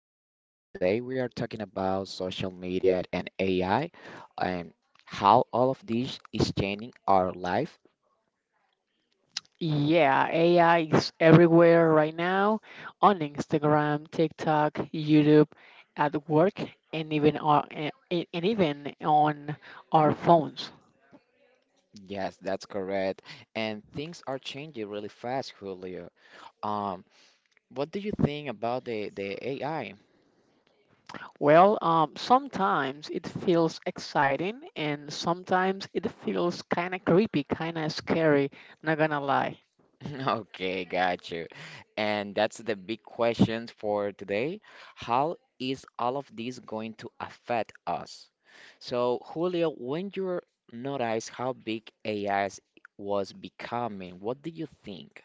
Lab. Today we are talking about social media and AI and how all of this is changing our life. Yeah, AI is everywhere right now on Instagram, TikTok, YouTube, at work, and even on our phones. Yes, that's correct. And things are changing really fast, Julio. Um, what do you think about the AI? Well, sometimes it feels exciting, and sometimes it feels kind of creepy, kind of scary. Not gonna lie. Okay, got you. And that's the big question for today. How is all of this going to affect us? So, Julio, when you notice how big AI was becoming, what do you think?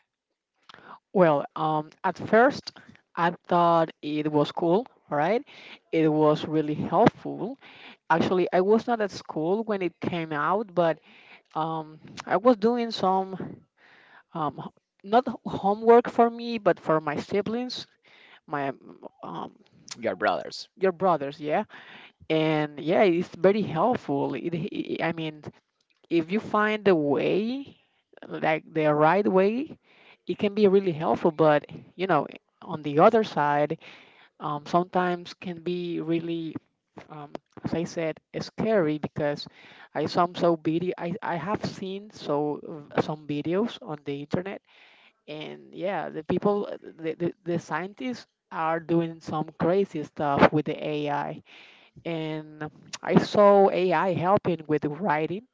Well, at first, I thought it was cool, right? It was really helpful. Actually, I was not at school when it came out, but um, I was doing some um, h- not homework for me, but for my siblings, my um, Your brothers. your brothers, yeah. And yeah, it's very helpful. I mean, if you find the way, like the right way, it can be really helpful. But you know, on the other side, sometimes can be really, um, as I said, it's scary because I have seen some videos on the internet, and yeah, the people the scientists are doing some crazy stuff with the AI, and I saw AI helping with writing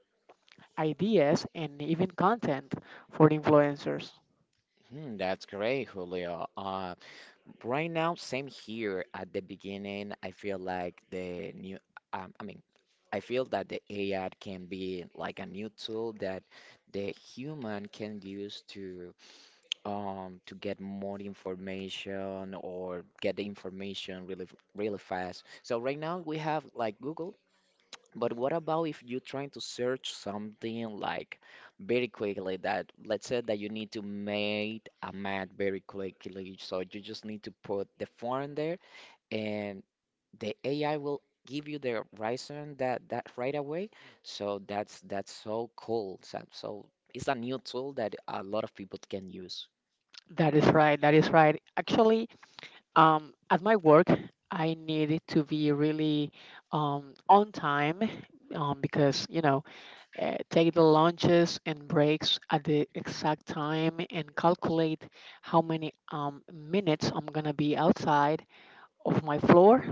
ideas and even content for influencers. Hmm, that's great, Julio. Right now, same here. At the beginning, I feel like the new, I mean, I feel that the AI can be like a new tool that the human can use to get more information or get the information really really fast. So right now we have like Google, but what about if you're trying to search something like very quickly? That, let's say that you need to make a map very quickly, so you just need to put the form there and the AI will give you the reason that that right away. So that's so cool. So, so it's a new tool that a lot of people can use. That is right. That is right. Actually, at my work, I need to be really, on time, because, take the lunches and breaks at the exact time and calculate how many minutes I'm going to be outside of my floor,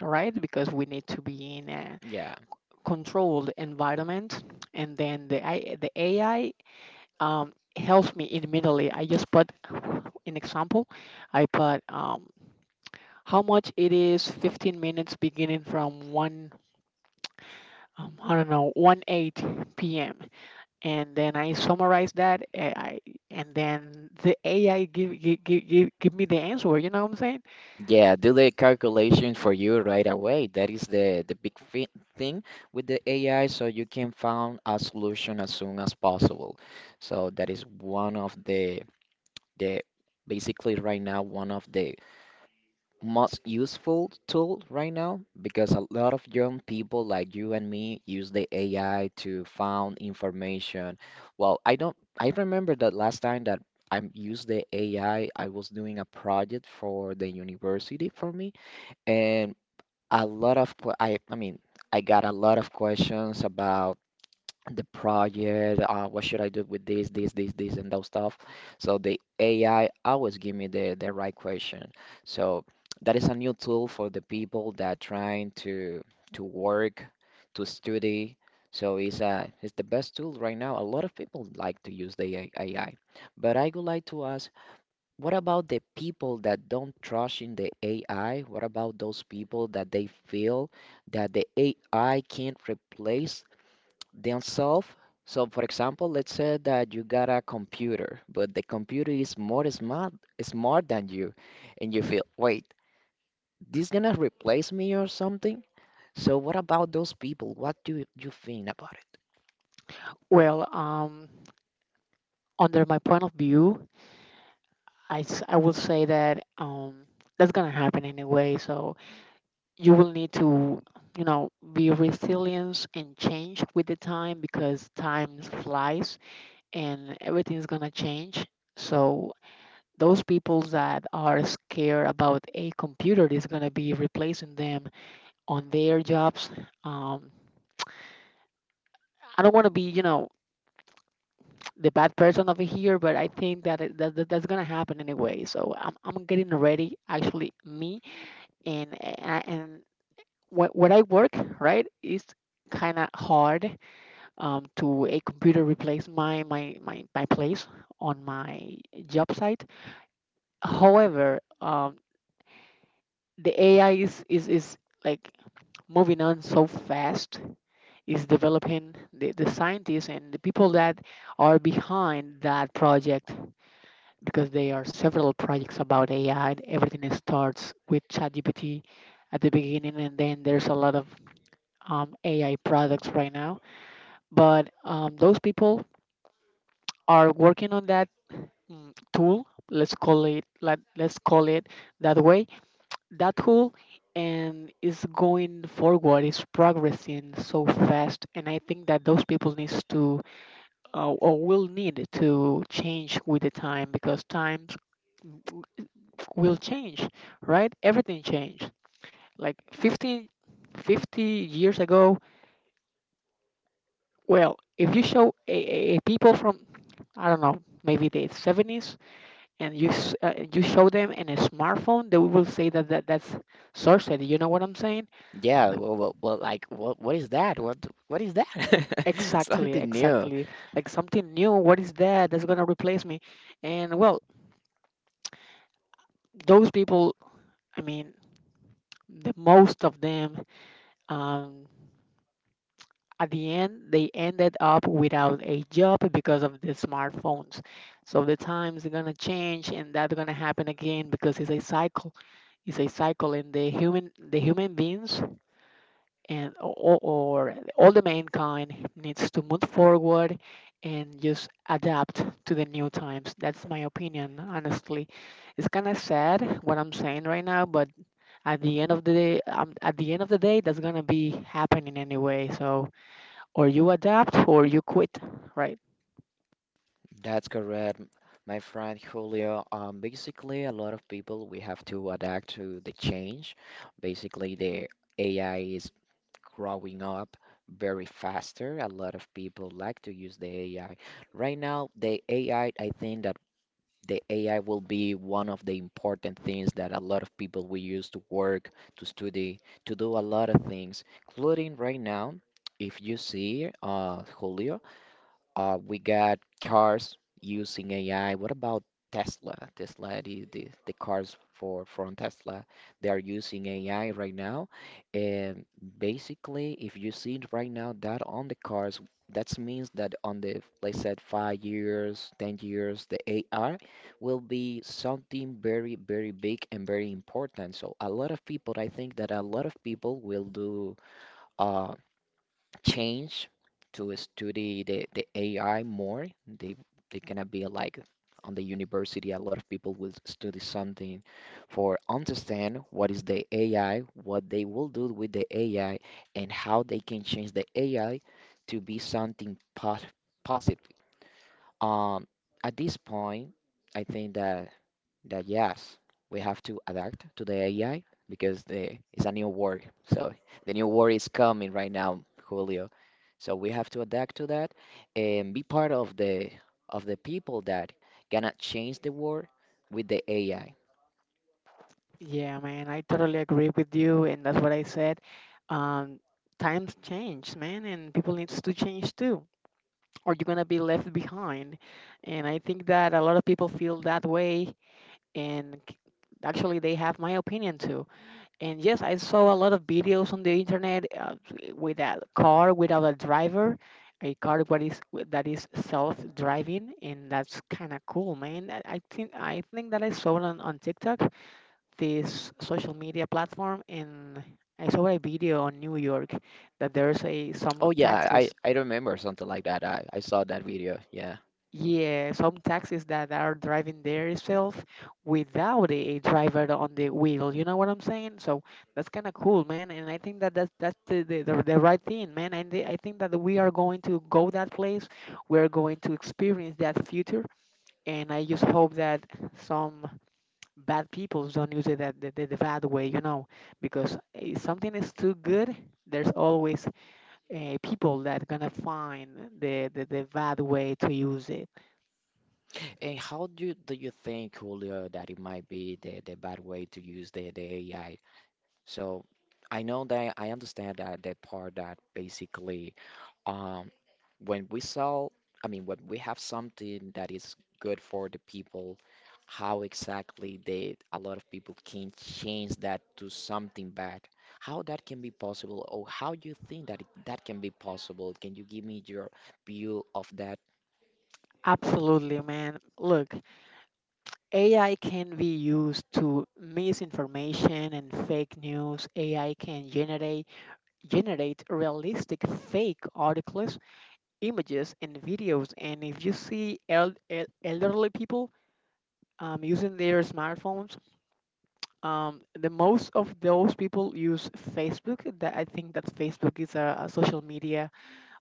right? Because we need to be in a Yeah. controlled environment. And then the AI helps me immediately. I just put an example. I put, how much it is 15 minutes beginning from 1, I don't know, 1 8 p.m., and then I summarize that, and then the ai give me the answer. You know what I'm saying? Yeah, do the calculation for you right away. That is the big thing with the AI, so you can find a solution as soon as possible. So that is one of the basically right now one of the most useful tool right now because a lot of young people like you and me use the AI to find information. Well, I don't I remember that last time that I used the AI, I was doing a project for the university for me and a lot of I mean I got a lot of questions about the project. What should I do with this, this, this, this, and those stuff? So the AI always give me the right question. So that is a new tool for the people that trying to work, to study. So it's a it's the best tool right now. A lot of people like to use the AI. But I would like to ask, what about the people that don't trust in the AI? What about those people that they feel that the AI can't replace themselves? So, for example, let's say that you got a computer, but the computer is more smart, smart than you, and you feel, wait, this gonna replace me or something? So, what about those people? What do you think about Well, under my point of view, I will say that, that's gonna happen anyway, so you will need to, be resilient and change with the time, because time flies and everything's gonna change. So those people that are scared about a computer is going to be replacing them on their jobs, um, I don't want to be, the bad person over here, but I think that that's going to happen anyway, so I'm getting ready, actually, me and what I work, right, is kind of hard, to a computer replace my place on my job site. However, the ai is like moving on so fast, is developing, the scientists and the people that are behind that project, because there are several projects about AI and everything starts with ChatGPT at the beginning, and then there's a lot of, AI products right now. But, those people are working on that, tool, let's call it like, let's call it that way, that whole, and is going forward, is progressing so fast, and I think that those people needs to, or will need to change with the time, because times will change, right? Everything changed like 15 50 years ago. Well, if you show a people from, I don't know, maybe the 70s, and you show them in a smartphone, they will say that that's sorcery. You know what I'm saying? it? Yeah, well, well, well like, what is that? What is that? Exactly, Something new. exactly. Like something new. What is that that's gonna replace me? And well, those people, I mean, the most of them, um, at the end, they ended up without a job because of the smartphones. So the times are gonna change, and that's gonna happen again because it's a cycle. It's a cycle, and the human beings and or all the mankind needs to move forward and just adapt to the new times. That's my opinion, honestly. It's kind of sad what I'm saying right now, but at the end of the day, that's gonna be happening anyway, so or you adapt or you quit, right? That's correct, my friend Julio. Basically, a lot of people we have to adapt to the change. Basically, the AI is growing up very faster. A lot of people like to use the AI. Right now, the AI, I think that the AI will be one of the important things that a lot of people will use to work, to study, to do a lot of things, including right now, if you see, Julio, we got cars using AI. What about Tesla? Tesla, the cars for from Tesla, they are using AI right now. And basically, if you see it right now that on the cars, that means that on the, let's say, 5 years, 10 years, the AI will be something very, very big and very important. So a lot of people, I think that a lot of people will do uh, change to study the AI more. They gonna be like on the university, a lot of people will study something for understand what is the AI, what they will do with the AI, and how they can change the AI to be something positive. Um, at this point, I think that that yes, we have to adapt to the AI because the it's a new world. So the new world is coming right now, Julio. So we have to adapt to that and be part of the people that gonna change the world with the AI. Yeah, man, I totally agree with you, and that's what I said, um times change, man, and people needs to change too, or you're going to be left behind. And I think that a lot of people feel that way. And actually, they have my opinion too. And yes, I saw a lot of videos on the internet, with a car without a driver. A car that is self-driving, and that's kind of cool, man. I think that I saw it on TikTok, this social media platform, and I saw a video on New York that there's a some Oh yeah, I, taxis. I remember something like that. I saw that video. Yeah. Yeah, some taxis that are driving there itself without a driver on the wheel. You know what I'm saying? So that's kind of cool, man. And I think that that's the right thing, man. And I think that we are going to go that place. We're going to experience that future. And I just hope that some bad people don't use it that the bad way, you know, because if something is too good, there's always, people that gonna find the bad way to use it. And how do you think, Julio, that it might be the bad way to use the AI? So I know that I understand that the part that basically Um, when we sell, I mean, when we have something that is good for the people, how exactly they, a lot of people can change that to something bad. How that can be possible, or how you think that that can be possible? Can you give me your view of that? Absolutely, man. Look, AI can be used to misinformation and fake news. AI can generate realistic fake articles, images, and videos. And if you see elderly people, using their smartphones, the most of those people use Facebook. That, I think that Facebook is a social media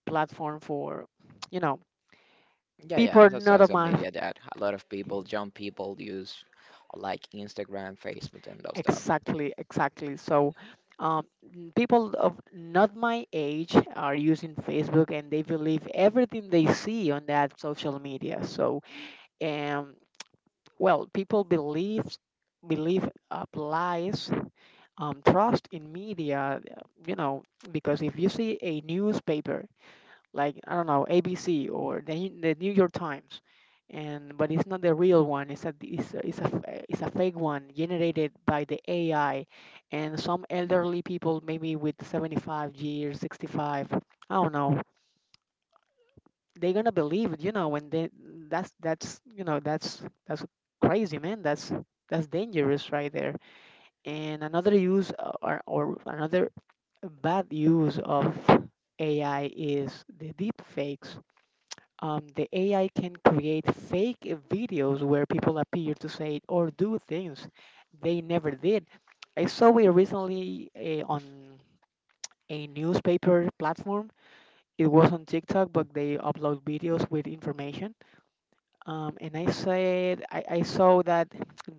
platform for, you know, Yeah, yeah, people that's not of social my. media that a lot of people, young people use like Instagram, Facebook, and those stuff. Exactly, exactly. So, um, people of not my age are using Facebook, and they believe everything they see on that social media. So, um, well, people believe, lies, trust in media. You know, because if you see a newspaper, like, I don't know, ABC or the New York Times, and but it's not the real one. It's a it's a, it's a f- it's a fake one generated by the AI, and some elderly people maybe with 75 years, 65. I don't know. They're gonna believe it, you know. When they that's you know that's crazy, man. That's dangerous right there. And another use, or another bad use of AI is the deepfakes, the AI can create fake videos where people appear to say or do things they never did. I saw it recently, on a newspaper platform. It was on TikTok, but they upload videos with information. And I said I saw that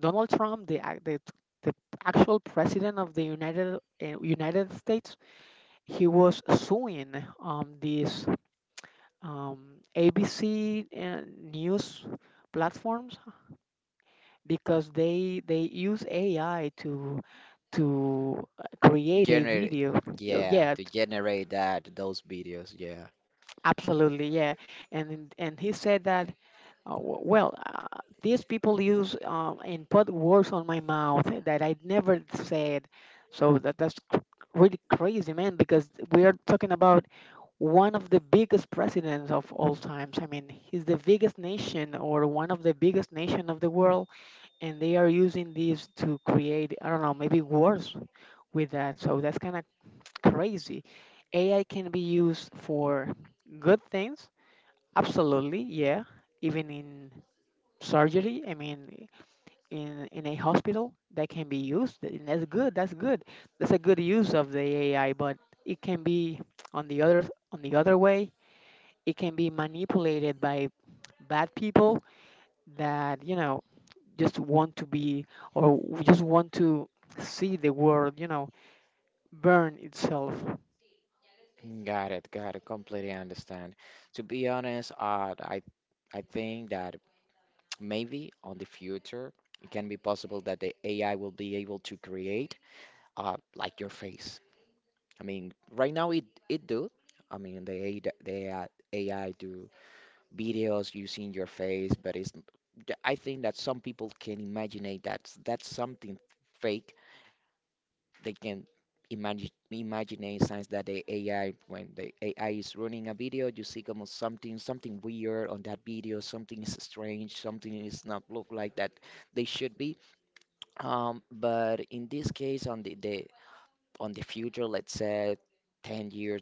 Donald Trump, the actual president of the United States, he was suing, this, um, ABC, news platforms, because they use AI to, create a Generate, video. Yeah, Yeah, to generate that, those videos, yeah. absolutely, yeah. And he said that, well, these people use, and put words on my mouth that I never said. So that that's, really crazy, man. Because we are talking about one of the biggest presidents of all times. I mean, he's the biggest nation or one of the biggest nation of the world, and they are using these to create, I don't know, maybe wars with that. So that's kind of crazy. AI can be used for good things, absolutely, yeah. Even in surgery, I mean, in a hospital, that can be used, and that's good, that's a good use of the ai. But it can be on the other on the other way, it can be manipulated by bad people that, you know, just want to be, just want to see the world, you know, burn itself. Got it, got it. Completely understand. To be honest, I think that maybe on the future it can be possible that the AI will be able to create like your face. I mean, right now it do. I mean, the AI, the AI do videos using your face, but it's I think that some people can imagine that that's something fake. They can imagine a signs that the AI, when the AI is running a video, you see como something something weird on that video, something is strange, something is not look like that they should be. But in this case, on the on the future, let's say 10 years,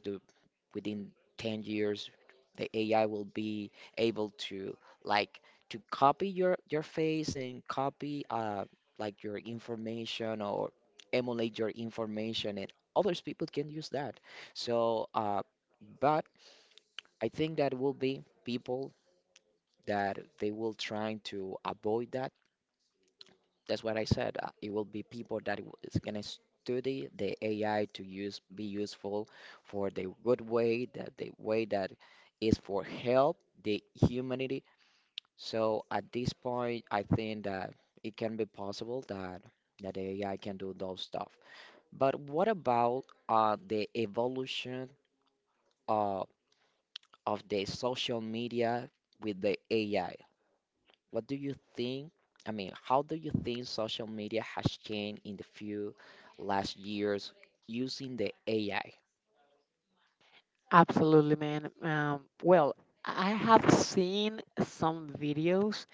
within 10 years the AI will be able to like to copy your face and copy like your information or emulate your information and others people can use that. So but I think that will be people that they will trying to avoid that. That's what I said. It will be people that is gonna study the AI to use be useful for the good way, that the way that is for help the humanity. So at this point, I think that it can be possible that that the AI can do those stuff. But what about the evolution uh, of the social media with the AI? What do you think? I mean, how do you think social media has changed in the few last years using the AI? Absolutely, man. Well, I have seen some videos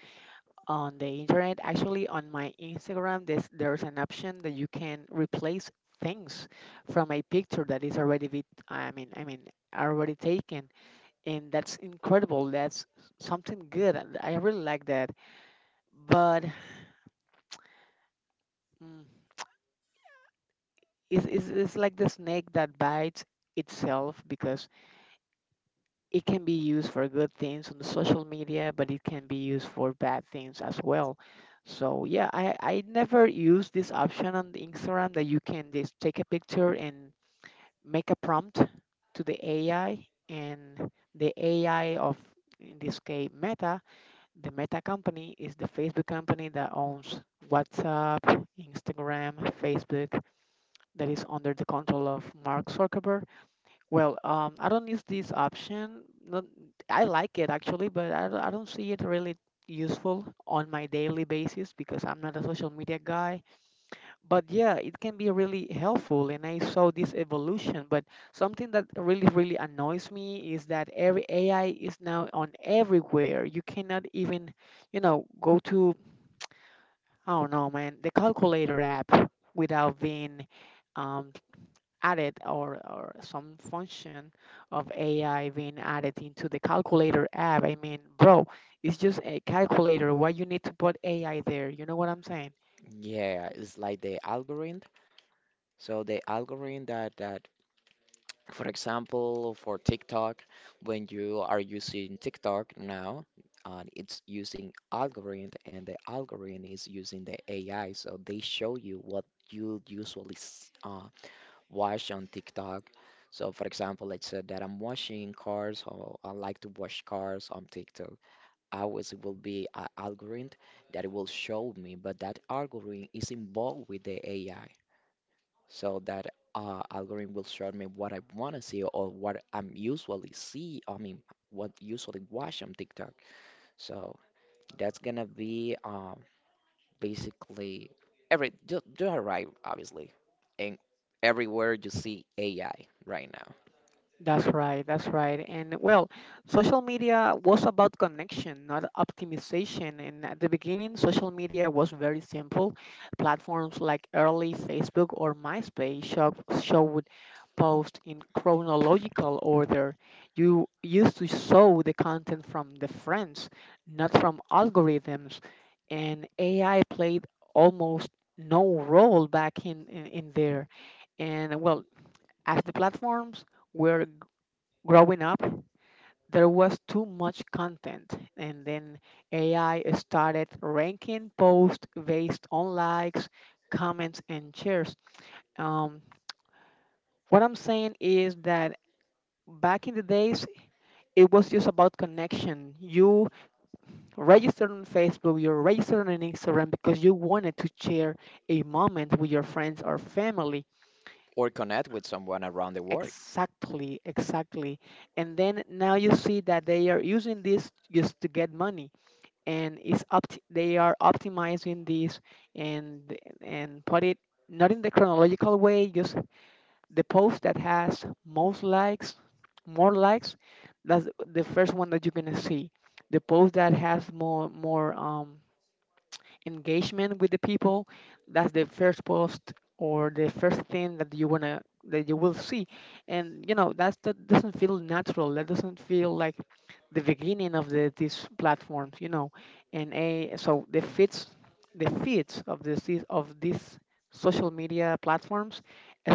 on the internet. Actually, on my Instagram, there's an option that you can replace things from a picture that is already with, I mean, already taken, and that's incredible. That's something good, and I really like that. But, mm, it's like the snake that bites itself, because it can be used for good things on the social media, but it can be used for bad things as well. So yeah, I never use this option on the Instagram, that you can just take a picture and make a prompt to the AI, and the AI of, in this case, Meta, the Meta company is the Facebook company that owns WhatsApp, Instagram, Facebook, that is under the control of Mark Zuckerberg. Well, I don't use this option. Not, I like it actually, but I don't see it really useful on my daily basis, because I'm not a social media guy. But yeah, it can be really helpful, and I saw this evolution. But something that really, really annoys me is that every AI is now on everywhere. You cannot even, go to, I don't know, man, the calculator app without being. Um, added or some function of AI being added into the calculator app. I mean, bro, it's just a calculator. Why you need to put AI there? You know what I'm saying? Yeah, it's like the algorithm. So the algorithm that that, for example, for TikTok, when you are using TikTok now, it's using algorithm, and the algorithm is using the AI, so they show you what you usually watch on TikTok. So, for example, let's say that I'm washing cars, or I like to wash cars on TikTok. Always it will be an algorithm that it will show me, but that algorithm is involved with the AI. So that algorithm will show me what I want to see or what I'm usually see. I mean, what usually watch on TikTok. So that's gonna be basically every. You are right, obviously, and everywhere you see AI right now. That's right, that's right. And well, social media was about connection, not optimization. And at the beginning, social media was very simple. Platforms like early Facebook or MySpace show would post in chronological order. You used to show the content from the friends, not from algorithms. And AI played almost no role back in there. And well, as the platforms were growing up, there was too much content, and then AI started ranking posts based on likes, comments, and shares. Um, what I'm saying is that back in the days, it was just about connection. You registered on Facebook, you registered on Instagram because you wanted to share a moment with your friends or family. Or connect with someone around the world. Exactly, exactly. And then now you see that they are using this just to get money and they are optimizing this and put it not in the chronological way, just the post that has most likes, more likes, that's the first one that you're gonna see. The post that has more engagement with the people, that's the first post or the first thing that you want to that you will see. And you know, that's that doesn't feel natural, that doesn't feel like the beginning of these platforms, you know. And a So the feeds, of these social media platforms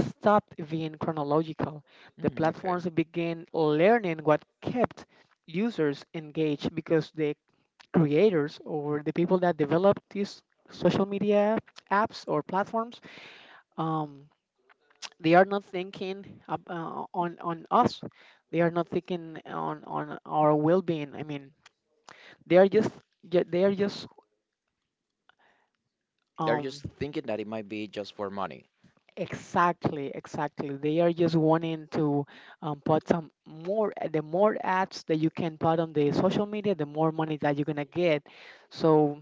stopped being chronological. The Mm, okay. platforms began learning what kept users engaged because the creators or the people that develop these social media apps or platforms, um, they are not thinking ab- on us, they are not thinking on our well-being. I mean, they are they are just They're um just thinking that it might be just for money. exactly, exactly, they are just wanting to put some more the more ads that you can put on the social media, the more money that you're gonna get. So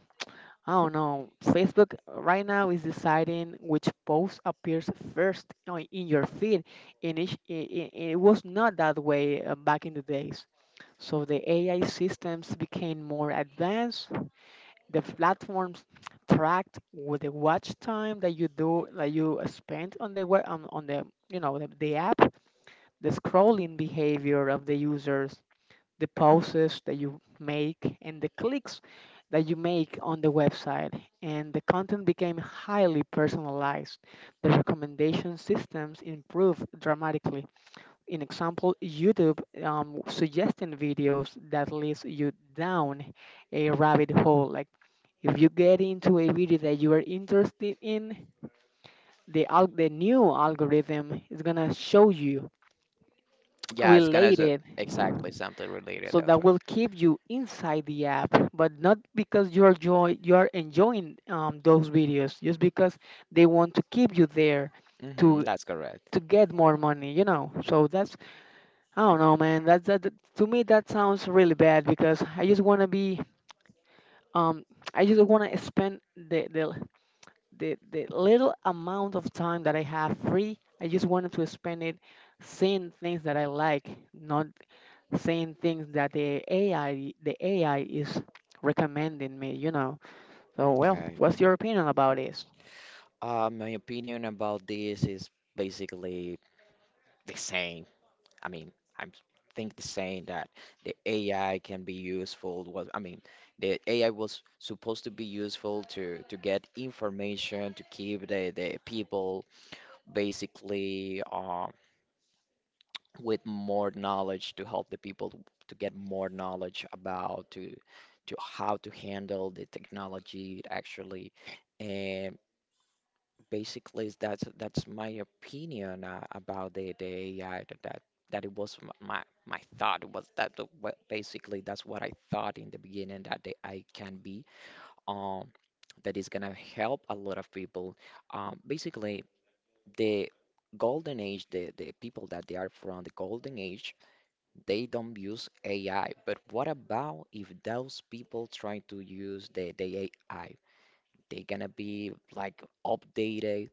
I don't know. Facebook right now is deciding which post appears first in your feed, and it was not that way back in the days. So the AI systems became more advanced. The platforms tracked with the watch time that you do that you spend on on the you know the app, the scrolling behavior of the users, the pauses that you make and the clicks that you make on the website. And the content became highly personalized. The recommendation systems improved dramatically. In example, YouTube suggesting videos that leads you down a rabbit hole. Like if you get into a video that you are interested in, the new algorithm is gonna show you Yeah, it's gonna related. exactly something related So to that that. will keep you inside the app, but not because you're enjoying those videos, just because they want to keep you there Mm-hmm, to that's correct. Get more money, you know. So that's I don't know, man. To me that sounds really bad because I just want to be um I just want to spend the little amount of time that I have free. I just wanted to spend it seeing things that I like, not saying things that the AI is recommending me, you know. So well, Okay. what's your opinion about this? My opinion about this is basically the same. I mean, I think the same that the AI can be useful was, I mean, the AI was supposed to be useful to get information to keep the people basically with more knowledge to help the people to get more knowledge about to how to handle the technology actually. And basically is that's my opinion about the AI, that, that that it was my my thought was that basically that's what I thought in the beginning that the AI can be um that is gonna help a lot of people, basically the golden age, the people that they are from the golden age, they don't use AI. But what about if those people try to use the AI? They're gonna be like updated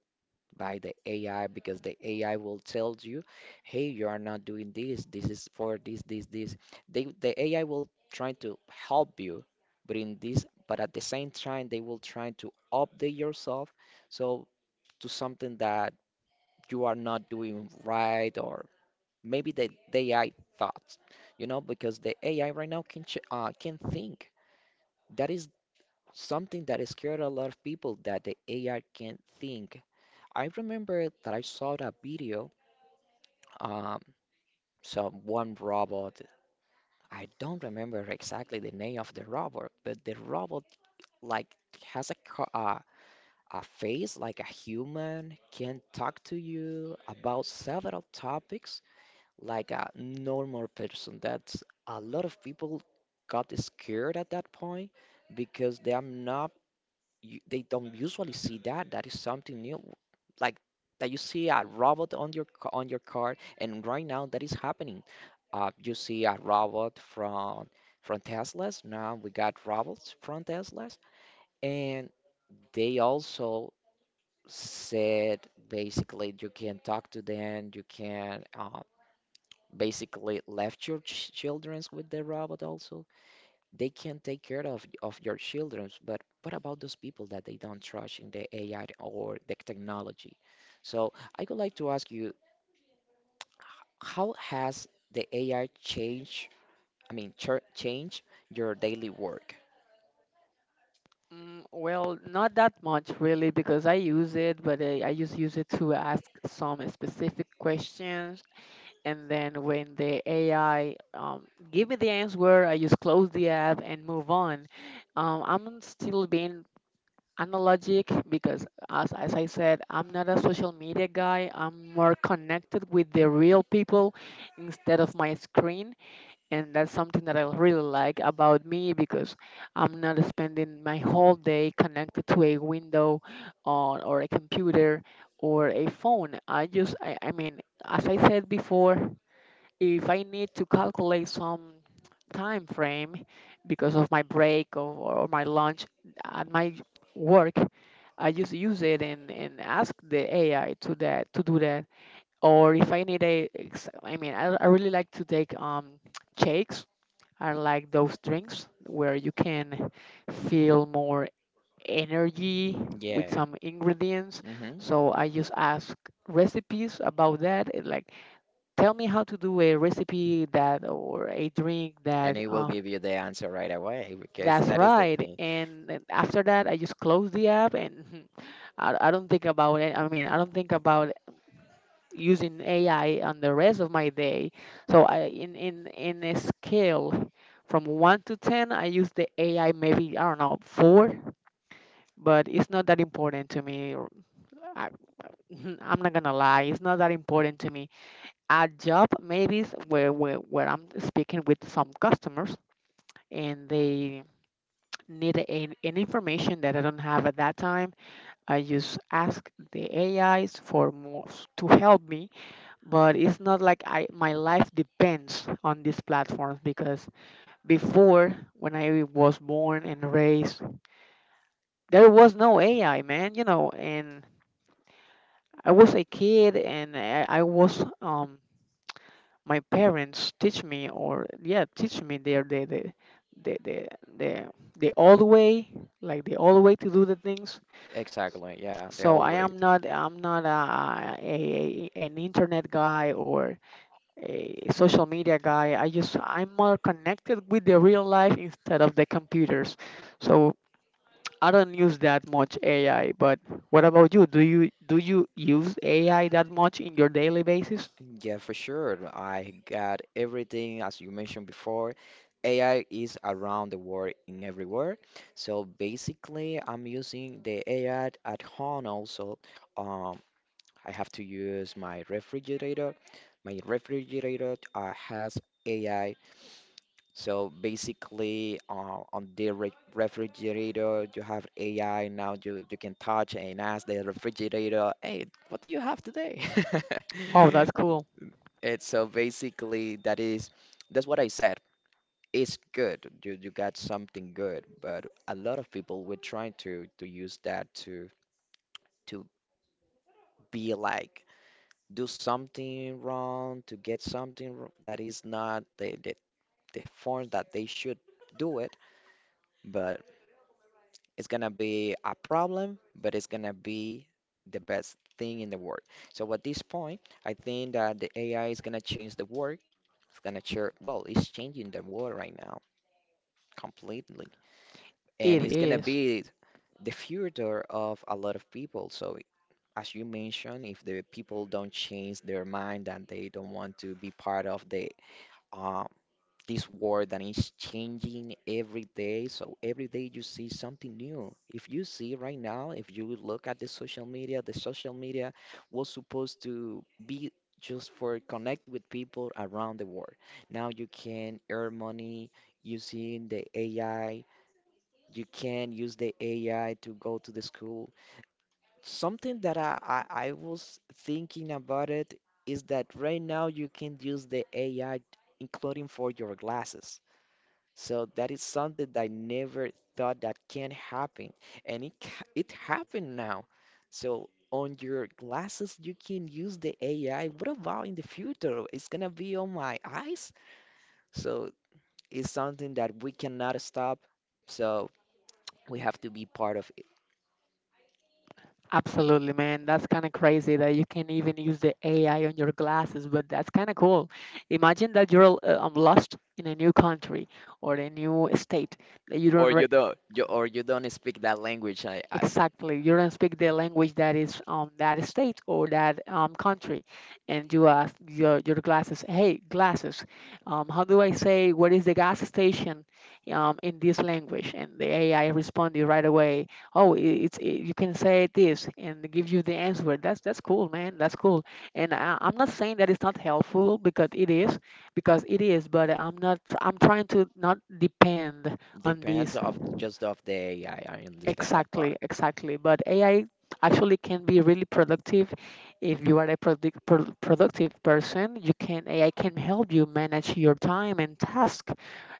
by the AI because the AI will tell you, hey, you are not doing this. This is for this, this, this. They, the AI will try to help you, but in this, but at the same time, they will try to update yourself so to something that you are not doing right, or maybe the AI thoughts, you know, because the AI right now can ch can think. That is something that scared a lot of people that the AI can't think. I remember that I saw that video, um, so one robot. I don't remember exactly the name of the robot, but the robot like has a face like a human, can talk to you about several topics like a normal person. That's a lot of people got scared at that point because they are not they don't usually see that. That is something new. Like that you see a robot on on your car, and right now that is happening. You see a robot from Teslas. Now we got robots from Teslas, and they also said basically you can talk to them. You can basically left your ch childrens with the robot. Also they can take care of your childrens. But what about those people that they don't trust in the AI or the technology? So I would like to ask you, how has the AI changed, I mean ch change, your daily work? Well, not that much really because I use it, but I just use it to ask some specific questions, and then when the AI give me the answer, I just close the app and move on. I'm still being analogic because as I said, I'm not a social media guy, I'm more connected with the real people instead of my screen. And that's something that I really like about me because I'm not spending my whole day connected to a window, or a computer or a phone. I mean, as I said before, if I need to calculate some time frame because of my break, or my lunch at my work, I just use it and ask the AI to do that. Or if I need I mean, I really like to take shakes. I like those drinks where you can feel more energy with Yeah. some ingredients. Hmm. So I just ask recipes about that. Like, tell me how to do a recipe that or a drink And it will give you the answer right away, because that's that is the right. thing. And then after that, I just close the app and I don't think about it. I mean, I don't think about using AI on the rest of my day. So I in a scale from 1 to 10, I use the AI maybe, I don't know, 4, but it's not that important to me. I, I'm not gonna lie, it's not that important to me. At job, maybe it's where I'm speaking with some customers and they need an information that I don't have at that time, I just ask the AIs for to help me. But it's not like I my life depends on these platforms because before when I was born and raised, there was no AI, man. You know, and I was a kid, and I was my parents teach me or yeah, teach me the the the, the old way, to do the things. Exactly, yeah, the So old way. I'm not a an internet guy or a social media guy. I'm more connected with the real life instead of the computers. So I don't use that much AI. But what about you? Do you use AI that much in your daily basis? Yeah, for sure. I got everything, as you mentioned before. AI is around the world in everywhere. So basically, I'm using the AI at home also. Um, I have to use my refrigerator. My refrigerator has AI. So basically, on the re refrigerator, you have AI. Now you can touch and ask the refrigerator, hey, what do you have today? Wow, that's cool. It's, so basically that is that's what I said. It's good. You got something good, but a lot of people were trying to use that to be like do something wrong, to get something that is not the, the form that they should do it, but it's gonna be a problem, but it's gonna be the best thing in the world. So at this point, I think that the AI is gonna change the work. It's gonna change, well, it's changing the world right now, completely. And It it's gonna is. be the future of a lot of people. So, as you mentioned, if the people don't change their mind and they don't want to be part of the uh, this world that is changing every day, so every day you see something new. If you see right now, if you look at the social media was supposed to be just for connect with people around the world. Now you can earn money using the AI. You can use the AI to go to the school. Something that I was thinking about it is that right now you can use the AI, including for your glasses. So that is something that I never thought that can happen, and it happened now. So on your glasses, you can use the AI. What about in the future? It's gonna be on my eyes. So it's something that we cannot stop. So we have to be part of. Absolutely, man. That's kind of crazy that you can even use the AI on your glasses, but that's kind of cool. Imagine that you're lost in a new country or a new state that you don't Or re you don't speak that language. I exactly. You don't speak the language that state or that country, and you ask your glasses, hey glasses, um, how do I say what is the gas station, um, in this language? And the AI responded right away. Oh, I it's I you can say this and give you the answer. That's cool, man. That's cool. And I'm not saying that it's not helpful because it is, because it is. But I'm not. Tr- I'm trying to not depend on Depends this. of just of the AI. I understand that Exactly, part. exactly. But AI actually can be really productive. If you are a productive person, you can AI can help you manage your time and task.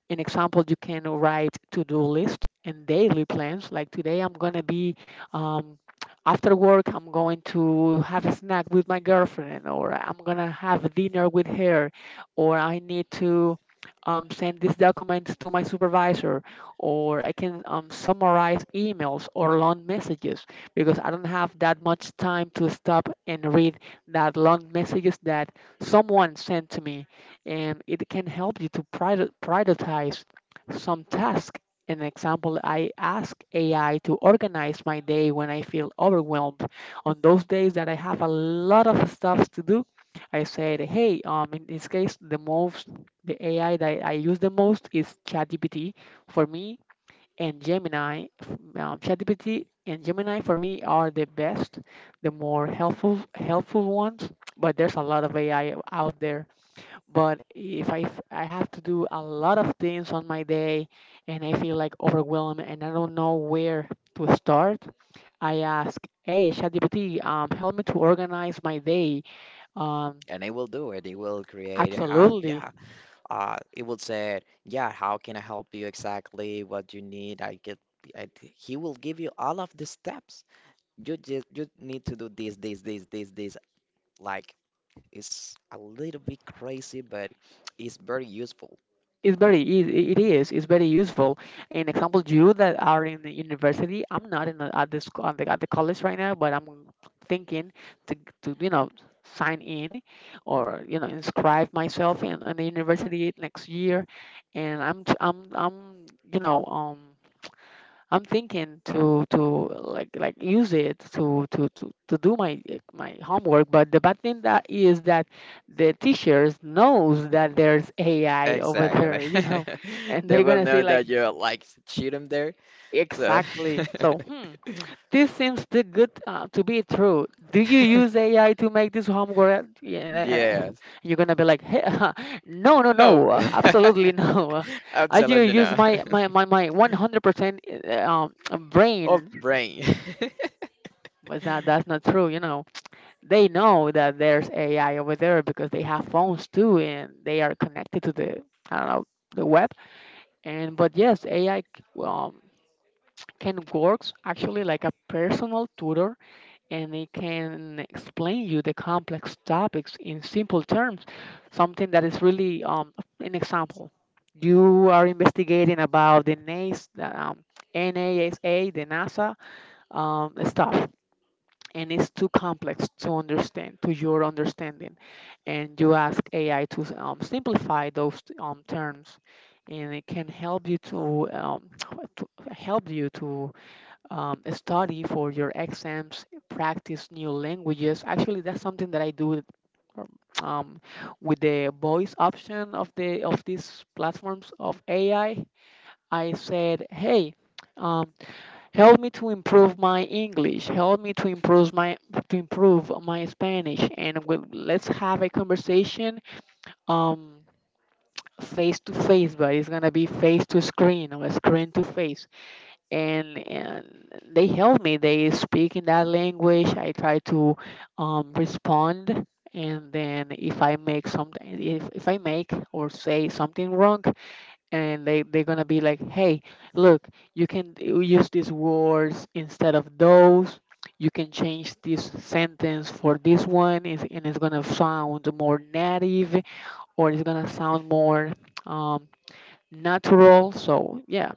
In example, you can write to-do list and daily plans like today I'm going to be um, after work I'm going to have a snack with my girlfriend, or I'm going to have dinner with her, or I need to send these documents to my supervisor, or I can summarize emails or long messages because I don't have that much time to stop and read that long messages that someone sent to me. And it can help you to prioritize some task. An example, I ask AI to organize my day when I feel overwhelmed. On those days that I have a lot of stuff to do, I said, hey, in this case, the AI that I use the most is ChatGPT for me and Gemini. ChatGPT and Gemini for me are the best, the helpful ones. But there's a lot of AI out there, but if I have to do a lot of things on my day and I feel like overwhelmed and I don't know where to start, I ask, hey, ChatGPT, help me to organize my day. Um, And it will do it, it will create how. absolutely. Yeah, it will say, yeah, how can I help you, exactly what you need. I, he will give you all of the steps. You just you need to do this this this this this, like, it's a little bit crazy, but it's very useful. It's very easy. It is. It's very useful. In example, you that are in the university, I'm not in the, at this at the college right now, but I'm thinking to you know, sign in, or you know, inscribe myself in the university next year, and I'm you know, um, I'm thinking to like use it to do my my homework. But the bad thing that is that the teachers knows that there's AI over Exactly. there, you know, and They they're will gonna know see like that you're like cheating there. So exactly. So hmm, this seems too good to be true. Do you use AI to make this homework? Yeah, yes. you're gonna be like, "Hey, no, no, No. no, absolutely no. I do Absolutely use not. my 100% Of brain." brain. But that that's not true, you know. They know that there's AI over there because they have phones too, and they are connected to the I don't know, the web. And but yes, AI, um, can works actually like a personal tutor, and it can explain you the complex topics in simple terms. Something that is really an example. You are investigating about the NAS, the um, NASA, stuff, and it's too complex to understand to your understanding, and you ask AI to, simplify those, terms. And it can help you to, to, study for your exams, practice new languages. Actually, that's something that I do um, with the voice option of the of these platforms of AI. I said, hey, um, help me to improve my English, help me to improve my Spanish, and let's have a conversation, um, face to face, but it's gonna be face to screen or screen to face. And they help me, they speak in that language, I try to, respond. And then if I make something, if I make or say something wrong, and they they're gonna be like, hey, look, you can use these words instead of those. You can change this sentence for this one, and it's gonna sound more native, or it's gonna sound more, um, natural. So yeah,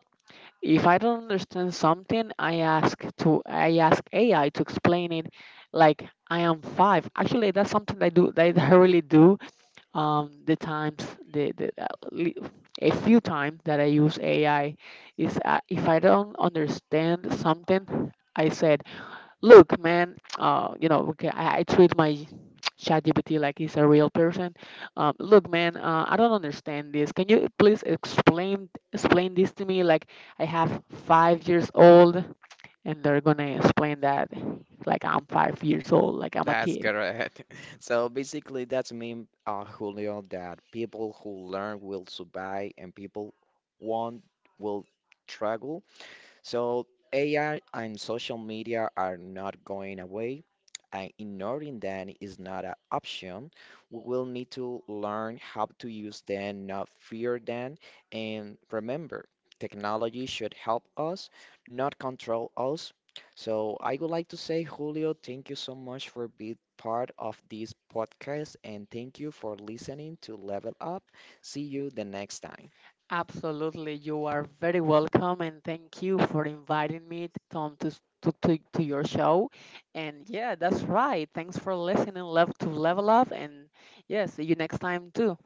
if I don't understand something, I ask AI to explain it. Like I am five. Actually, that's something I do. That I really do, the times the li- a few times that I use AI is, if I don't understand something, I said, "Look, man, you know, okay, I treat my ChatGPT like he's a real person. Look, man, I don't understand this. Can you please explain this to me? Like, I have 5 years old, and they're gonna explain that like I'm 5 years old, like I'm a That's kid." correct. So basically, that's mean, Julio, that people who learn will survive and people won't will struggle. So AI and social media are not going away, and ignoring them is not an option. We will need to learn how to use them, not fear them. And remember, technology should help us, not control us. So I would like to say, Julio, thank you so much for being part of this podcast, and thank you for listening to Level Up. See you the next time. Absolutely. You are very welcome and thank you for inviting me, Tom, to, s- to your show. And yeah, that's right. Thanks for listening. Love to level up. And yeah, see you next time too.